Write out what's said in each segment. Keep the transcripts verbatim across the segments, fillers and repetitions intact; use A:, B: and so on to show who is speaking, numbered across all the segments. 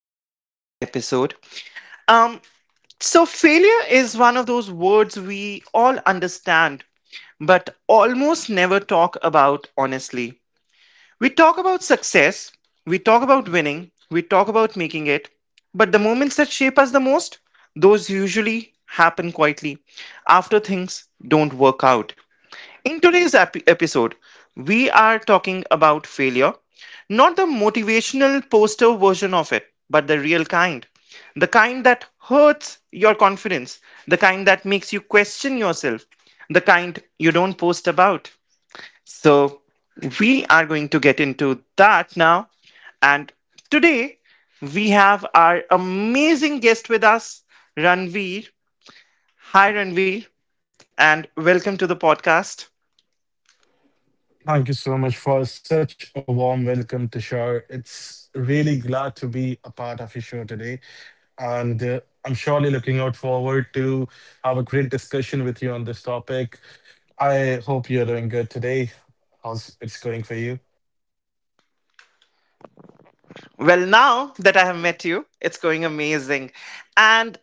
A: podcast episode. Um so failure is one of those words we all understand but almost never talk about honestly. We talk about success, we talk about winning, we talk about making it, but the moments that shape us the most, those usually happen quietly after things don't work out. In today's ep- episode, we are talking about failure. Not the motivational poster version of it, but the real kind. The kind that hurts your confidence, the kind that makes you question yourself, the kind you don't post about. So, we are going to get into that now. And today, we have our amazing guest with us, Ranveer. Hi, Ranveer, and welcome to the podcast.
B: Thank you so much for such a warm welcome, Tushar. It's really glad to be a part of your show today. And uh, I'm surely looking out forward to have a great discussion with you on this topic. I hope you're doing good today. How's it's going for you?
A: Well, now that I have met you, it's going amazing. And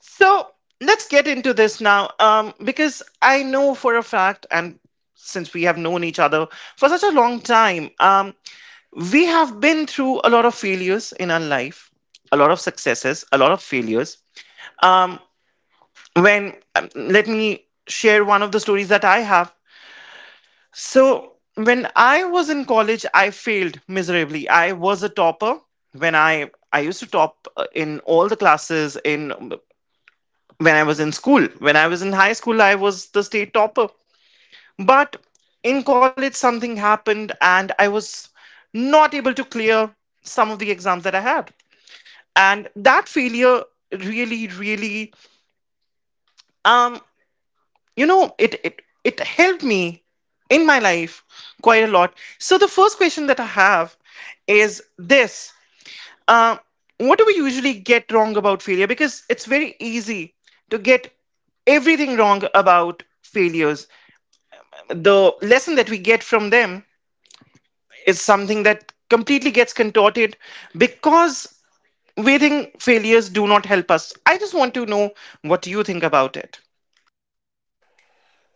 A: So let's get into this now, um, because I know for a fact, and since we have known each other for such a long time, um, we have been through a lot of failures in our life, a lot of successes, a lot of failures. Um, when um, Let me share one of the stories that I have. So when I was in college, I failed miserably. I was a topper when I I used to top uh, in all the classes in um, when I was in school. When I was in high school, I was the state topper. But in college, something happened and I was not able to clear some of the exams that I had. And that failure really, really, um, you know, it, it, it helped me in my life quite a lot. So the first question that I have is this. Uh, what do we usually get wrong about failure? Because it's very easy to get everything wrong about failures. The lesson that we get from them is something that completely gets contorted because we think failures do not help us. I just want to know what you think about it.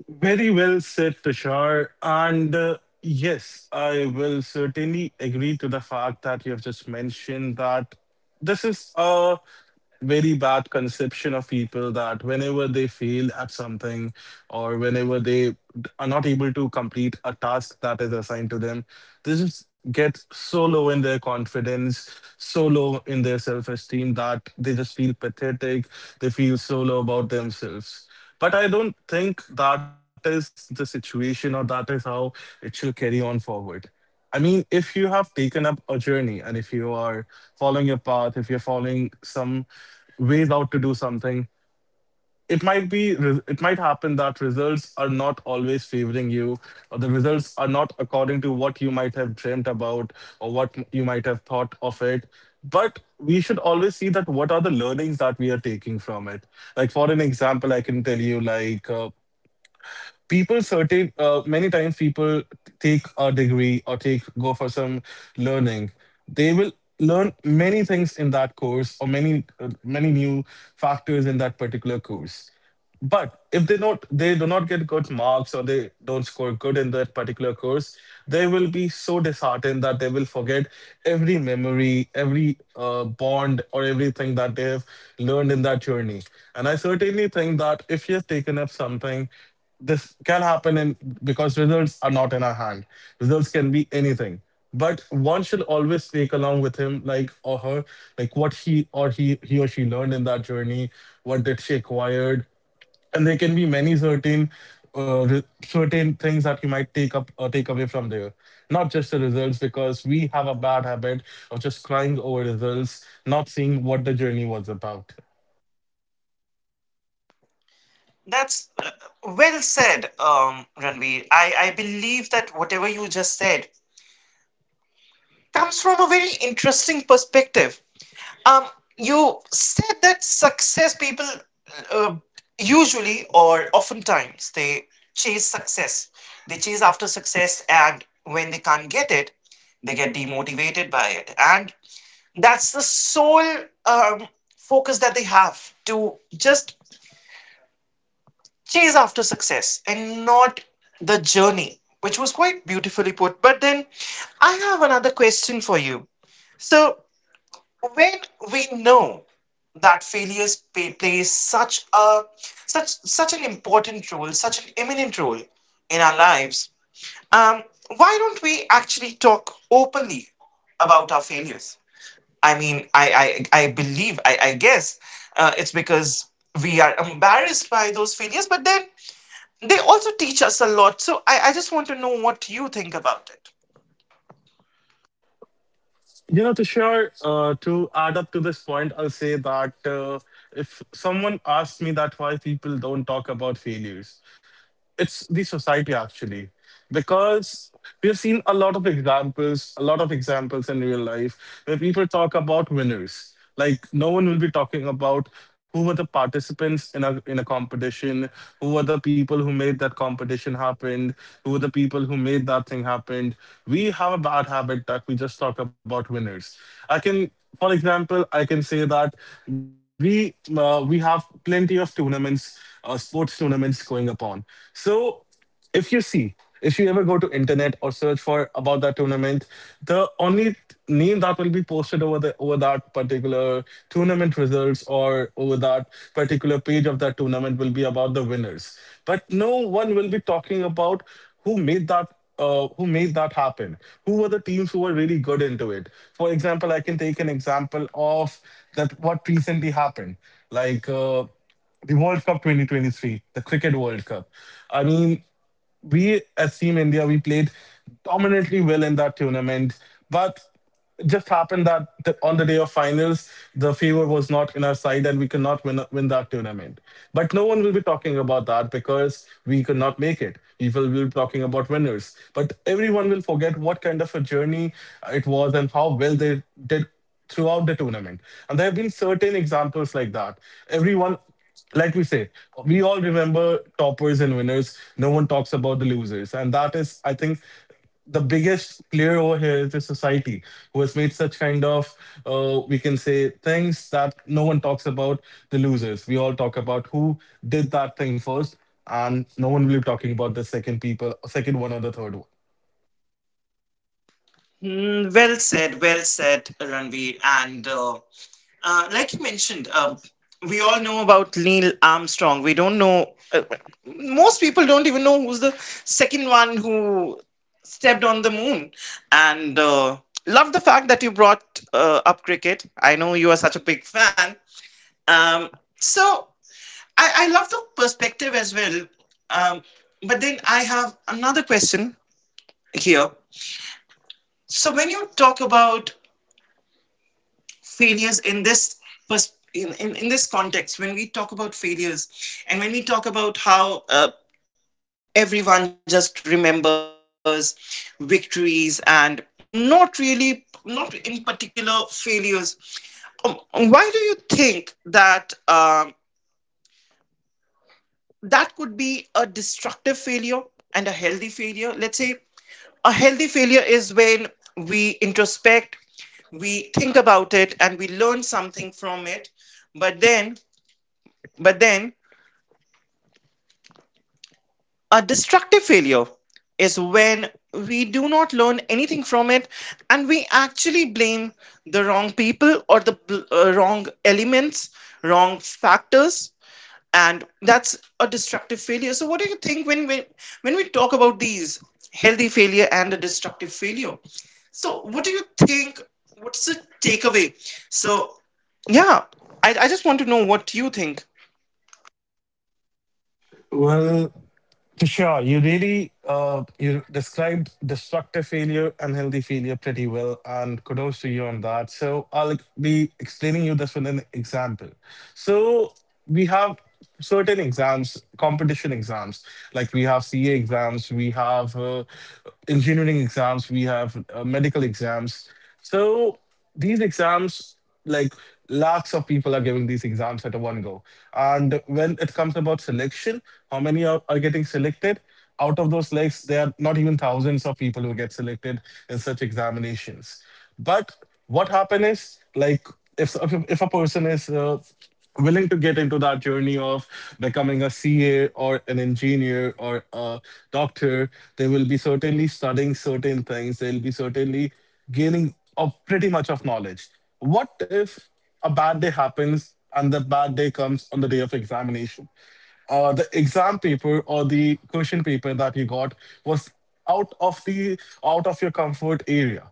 B: Very well said, Tushar. And uh, Yes, I will certainly agree to the fact that you have just mentioned that this is a very bad conception of people that whenever they fail at something or whenever they d- are not able to complete a task that is assigned to them, they just get so low in their confidence, so low in their self esteem that they just feel pathetic, they feel so low about themselves. But I don't think that is the situation or that is how it should carry on forward. I mean, if you have taken up a journey and if you are following your path, if you're following some ways out to do something, it might be re- it might happen that results are not always favoring you, or the results are not according to what you might have dreamt about or what m- you might have thought of it. But we should always see that what are the learnings that we are taking from it. Like for an example, I can tell you like. Uh, people certain uh, many times people take a degree or take go for some learning, they will learn many things in that course or many uh, many new factors in that particular course, but if they not they do not get good marks or they don't score good in that particular course, they will be so disheartened that they will forget every memory, every uh, bond or everything that they have learned in that journey. And I certainly think that if you have taken up something, this can happen in because results are not in our hand. Results can be anything, but one should always take along with him, like, or her, like what he or he he or she learned in that journey, what did she acquired. And there can be many certain uh, re- certain things that you might take up or take away from there, not just the results, because we have a bad habit of just crying over results, not seeing what the journey was about.
A: That's uh, well said, um, Ranveer. I, I believe that whatever you just said comes from a very interesting perspective. Um, you said that success people uh, usually or oftentimes they chase success. They chase after success, and when they can't get it, they get demotivated by it, and that's the sole um, focus that they have, to just chase after success and not the journey, which was quite beautifully put. But then I have another question for you. So when we know that failures play, plays such a such such an important role, such an imminent role in our lives, um, why don't we actually talk openly about our failures? I mean, I I, I believe, I, I guess uh, it's because we are embarrassed by those failures, but then they also teach us a lot. So I, I just want to know what you think about it.
B: You know, Tushar, uh, to add up to this point, I'll say that uh, if someone asks me that why people don't talk about failures, it's the society actually, because we have seen a lot of examples a lot of examples in real life where people talk about winners. Like no one will be talking about who were the participants in a in a competition, who were the people who made that competition happen, who were the people who made that thing happen. We have a bad habit that we just talk about winners. I can, for example, I can say that we uh, we have plenty of tournaments, uh, sports tournaments going upon. So if you see, if you ever go to internet or search for about that tournament, the only name that will be posted over the over that particular tournament results or over that particular page of that tournament will be about the winners. But no one will be talking about who made that, uh, who made that happen, who were the teams who were really good into it. For example, I can take an example of that what recently happened, like uh, the World Cup twenty twenty-three, the Cricket World Cup. I mean, we as Team India, we played dominantly well in that tournament, but it just happened that the, on the day of finals, the favor was not in our side and we could not win, win that tournament. But no one will be talking about that because we could not make it. People will be talking about winners. But everyone will forget what kind of a journey it was and how well they did throughout the tournament. And there have been certain examples like that. Everyone, like we say, we all remember toppers and winners. No one talks about the losers. And that is, I think, the biggest player over here is the society who has made such kind of, uh, we can say, things that no one talks about the losers. We all talk about who did that thing first. And no one will be talking about the second people, second one or the third one.
A: Mm, well said, well said, Ranveer. And uh, Uh, like you mentioned, um, we all know about Neil Armstrong. We don't know, uh, most people don't even know who's the second one who stepped on the moon. And uh, love the fact that you brought uh, up cricket. I know you are such a big fan. Um, so I, I love the perspective as well. Um, but then I have another question here. So when you talk about failures in this pers- in, in, in this context, when we talk about failures and when we talk about how uh, everyone just remembers victories and not really not in particular failures. Um, why do you think that um, that could be a destructive failure and a healthy failure? Let's say a healthy failure is when we introspect, we think about it and we learn something from it, but then but then a destructive failure is when we do not learn anything from it and we actually blame the wrong people, or the bl- uh, wrong elements, wrong factors, and that's a destructive failure. So, what do you think when we, when we talk about these healthy failure and a destructive failure? So, what do you think? What's the takeaway? So, yeah, I, I just want to know what you think.
B: Well, Sure, you really uh, you described destructive failure and healthy failure pretty well, and kudos to you on that. So I'll be explaining you this with an example. So we have certain exams, competition exams, like we have C A exams, we have uh, engineering exams, we have uh, medical exams. So these exams, like, lakhs of people are giving these exams at a one go. And when it comes about selection, how many are, are getting selected out of those, likes there are not even thousands of people who get selected in such examinations. But what happens, is like, if if, if a person is uh, willing to get into that journey of becoming a C A or an engineer or a doctor, they will be certainly studying certain things. They'll be certainly gaining of pretty much of knowledge. What if a bad day happens and the bad day comes on the day of examination? Uh, the exam paper or the question paper that you got was out of the out of your comfort area,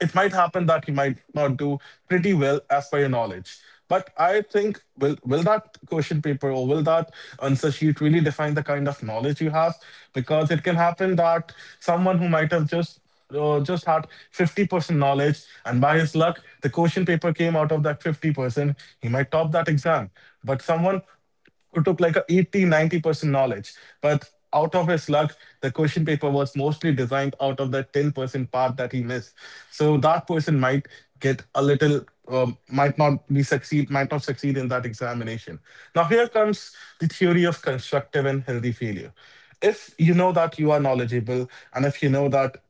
B: it might happen that you might not do pretty well as per your knowledge. But I think will will that question paper or will that answer sheet really define the kind of knowledge you have? Because it can happen that someone who might have just uh, just had fifty percent knowledge, and by his luck, the question paper came out of that fifty percent. He might top that exam, but someone who took like a eighty ninety percent knowledge, but out of his luck, the question paper was mostly designed out of that ten percent part that he missed. So that person might get a little um, might not be succeed might not succeed in that examination. Now here comes the theory of constructive and healthy failure. If you know that you are knowledgeable and if you know that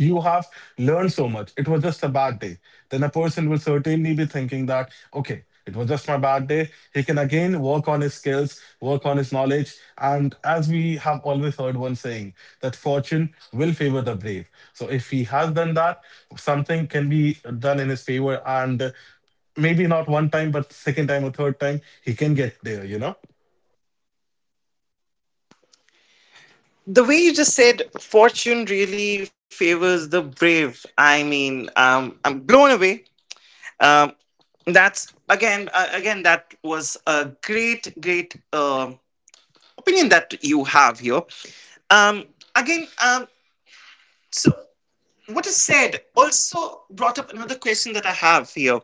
B: you have learned so much. It was just a bad day. Then a person will certainly be thinking that, okay, it was just my bad day. He can again work on his skills, work on his knowledge. And as we have always heard one saying, that fortune will favor the brave. So if he has done that, something can be done in his favor. And maybe not one time, but second time or third time, he can get there, you know?
A: The way you just said, fortune really favors the brave. I mean, um, I'm blown away. Um, that's again, uh, again, that was a great, great um opinion that you have here. Um, again, um, so what is said also brought up another question that I have here.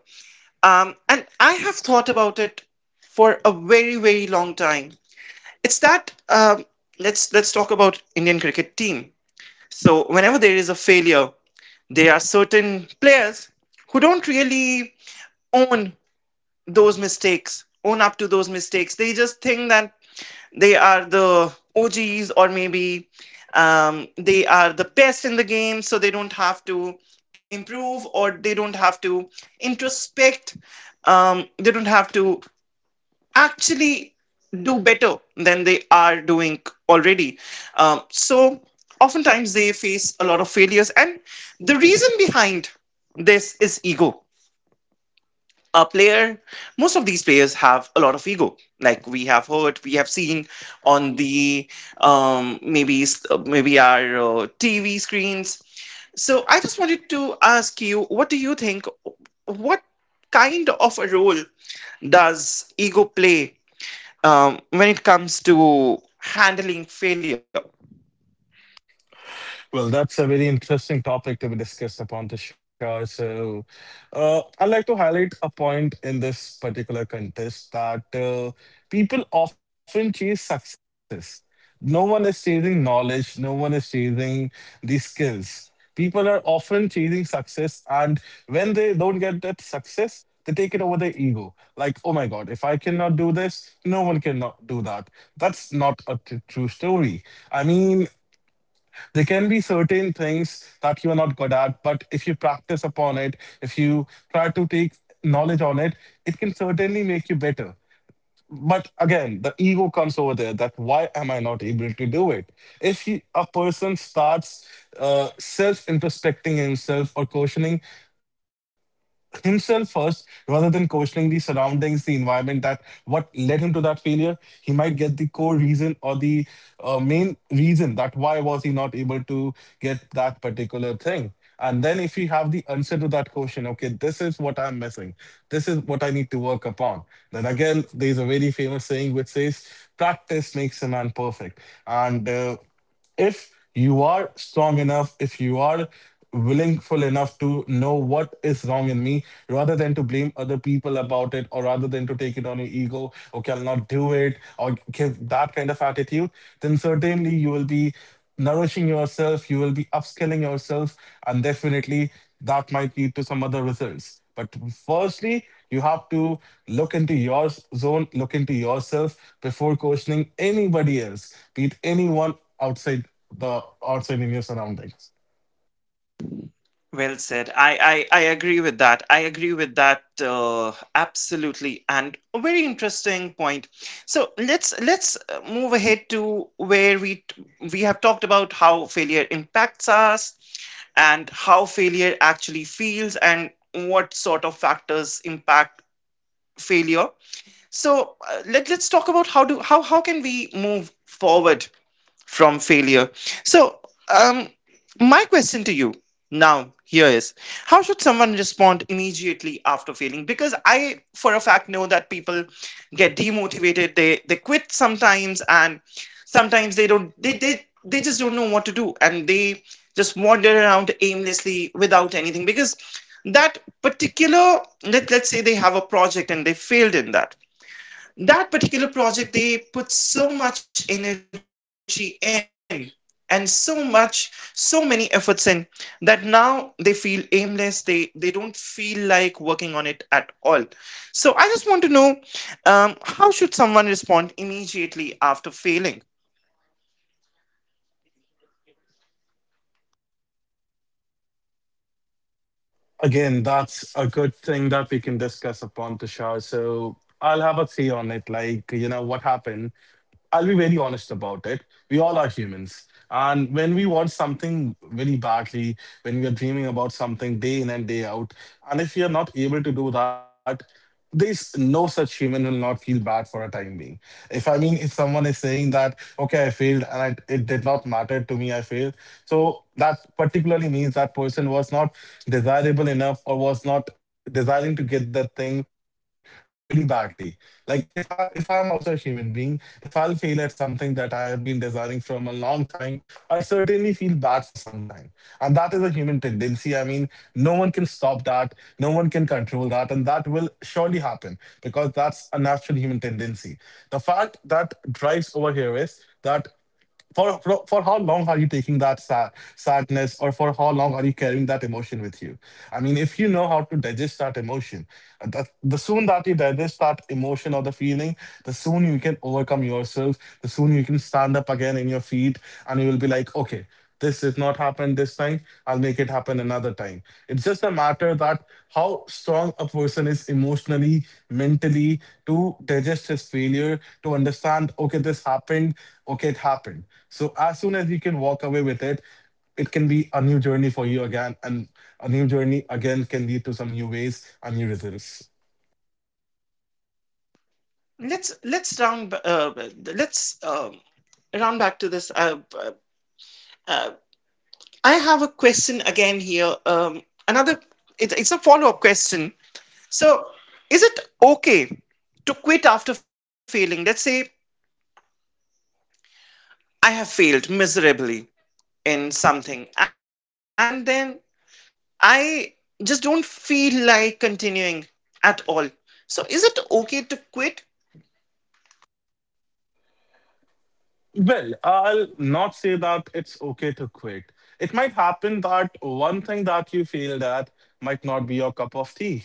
A: Um, and I have thought about it for a very, very long time. It's that um, let's let's talk about Indian cricket team. So whenever there is a failure, there are certain players who don't really own those mistakes, own up to those mistakes. They just think that they are the O Gs, or maybe um, they are the best in the game, so they don't have to improve or they don't have to introspect. Um, they don't have to actually do better than they are doing already. Um, so oftentimes they face a lot of failures, and the reason behind this is ego. A player, most of these players have a lot of ego. Like we have heard, we have seen on the um, maybe uh, maybe our uh, T V screens. So I just wanted to ask you, what do you think? What kind of a role does ego play um, when it comes to handling failure?
B: Well, that's a very interesting topic to be discussed upon, Tushar. So, uh, I'd like to highlight a point in this particular contest that uh, people often chase success. No one is chasing knowledge, no one is chasing the skills. People are often chasing success, and when they don't get that success, they take it over their ego. Like, oh my God, if I cannot do this, no one cannot do that. That's not a t- true story. I mean, there can be certain things that you are not good at, but if you practice upon it, if you try to take knowledge on it, it can certainly make you better. But again, the ego comes over there that why am I not able to do it? If you, A person starts uh, self introspecting himself or questioning himself first rather than questioning the surroundings, the environment that what led him to that failure. He might get the core reason or the uh, main reason that why was he not able to get that particular thing. And then if you have the answer to that question, okay, this is what I'm missing. This is what I need to work upon. Then again, there's a very famous saying which says, practice makes a man perfect. And uh, If you are strong enough, if you are willingful enough to know what is wrong in me, rather than to blame other people about it, or rather than to take it on your ego, okay, I'll not do it, or give that kind of attitude, then certainly you will be nourishing yourself, you will be upskilling yourself, and definitely that might lead to some other results. But firstly, you have to look into your zone, look into yourself before questioning anybody else, be it anyone outside the outside in your surroundings.
A: Well said. i i, I agree with that, I agree with that, uh, absolutely, and a very interesting point. So let's let's uh, move ahead to where we we have talked about how failure impacts us and how failure actually feels and what sort of factors impact failure. So uh, let, let's talk about how do how how can we move forward from failure. So, um, my question to you now here is, how should someone respond immediately after failing? Because I for a fact know that people get demotivated, they they quit sometimes, and sometimes they don't, they they, they just don't know what to do, and they just wander around aimlessly without anything, because that particular, let, let's say they have a project and they failed in that, that particular project they put so much energy in and so much so many efforts in, that now they feel aimless, they they don't feel like working on it at all. So I just want to know, um, how should someone respond immediately after failing?
B: Again, that's a good thing that we can discuss upon Tushar. So I'll have a say on it. Like, you know, what happened? I'll be very honest about it. We all are humans. And when we want something very badly, when we are dreaming about something day in and day out, and if we are not able to do that, there's no such human will not feel bad for a time being. If I mean, if someone is saying that, okay, I failed and I, it did not matter to me, I failed. So that particularly means that person was not desirable enough or was not desiring to get that thing very badly. Like if i if I'm also a human being, if I'll fail at something that I have been desiring from a long time, I'll certainly feel bad for some time. And that is a human tendency. I mean, no one can stop that, no one can control that, and that will surely happen, because that's a natural human tendency. The fact that drives over here is that for, for for how long are you taking that sa- sadness, or for how long are you carrying that emotion with you? I mean, if you know how to digest that emotion, uh, that, the soon that you digest that emotion or the feeling, the soon you can overcome yourself, the soon you can stand up again in your feet, and you will be like, okay, this did not happen this time. I'll make it happen another time. It's just a matter that how strong a person is emotionally, mentally, to digest his failure, to understand, okay, this happened, okay, it happened. So as soon as you can walk away with it, it can be a new journey for you again, and a new journey again can lead to some new ways and new results.
A: Let's let's round b- uh, let's um, round back to this uh, uh, uh, I have a question again here, um, another, it, it's a follow-up question. So, is it okay to quit after failing? Let's say I have failed miserably in something, and then I just don't feel like continuing at all. So, is it okay to quit?
B: Well, I'll not say that it's okay to quit. It might happen that one thing that you feel at might not be your cup of tea.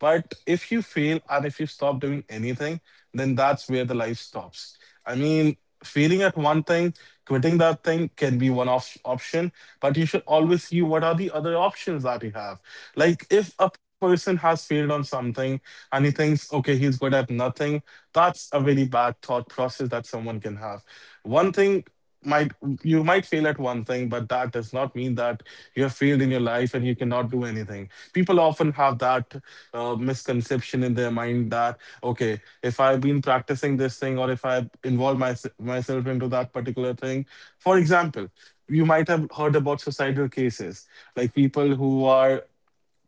B: But if you fail and if you stop doing anything, then that's where the life stops. I mean, failing at one thing, quitting that thing can be one op- option, but you should always see what are the other options that you have. Like if a person has failed on something and he thinks, okay, he's good at nothing, that's a very bad thought process that someone can have. One thing might, you might fail at one thing, but that does not mean that you have failed in your life and you cannot do anything. People often have that uh, misconception in their mind that okay, if I've been practicing this thing, or if I involve my, myself into that particular thing. For example, you might have heard about suicidal cases, like people who are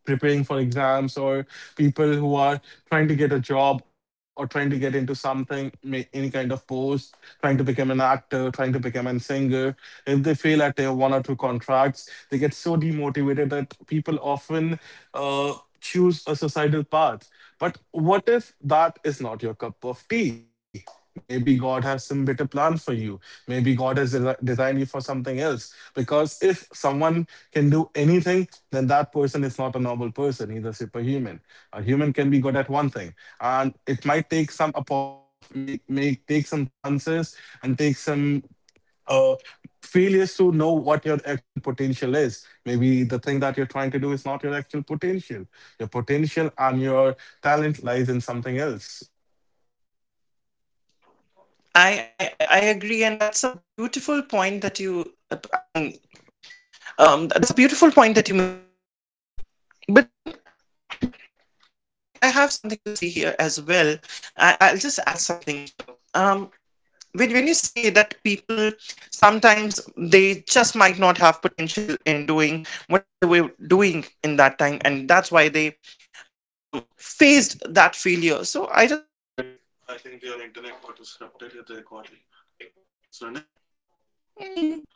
B: preparing for exams, or people who are trying to get a job, or trying to get into something ma- any kind of post, trying to become an actor, trying to become a singer. If they fail at their one or two contracts, they get so demotivated that people often uh, choose a societal path. But what if that is not your cup of tea? Maybe God has some better plan for you. Maybe God has desi- designed you for something else. Because if someone can do anything, then that person is not a normal person. He's a superhuman. A human can be good at one thing, and it might take some apart, make, make take some chances and take some uh, failures to know what your actual potential is. Maybe the thing that you're trying to do is not your actual potential. Your potential and your talent lies in something else.
A: I, I, I agree, and that's a beautiful point that you. I mean, um, that's a beautiful point that you made. Um, but then I, I have something to say here as well. I, I'll just add something here. Um, when, when you say that people sometimes they just might not have potential in doing whatever they were doing in that time, and that's why they um faced that failure, so I just want to Mm,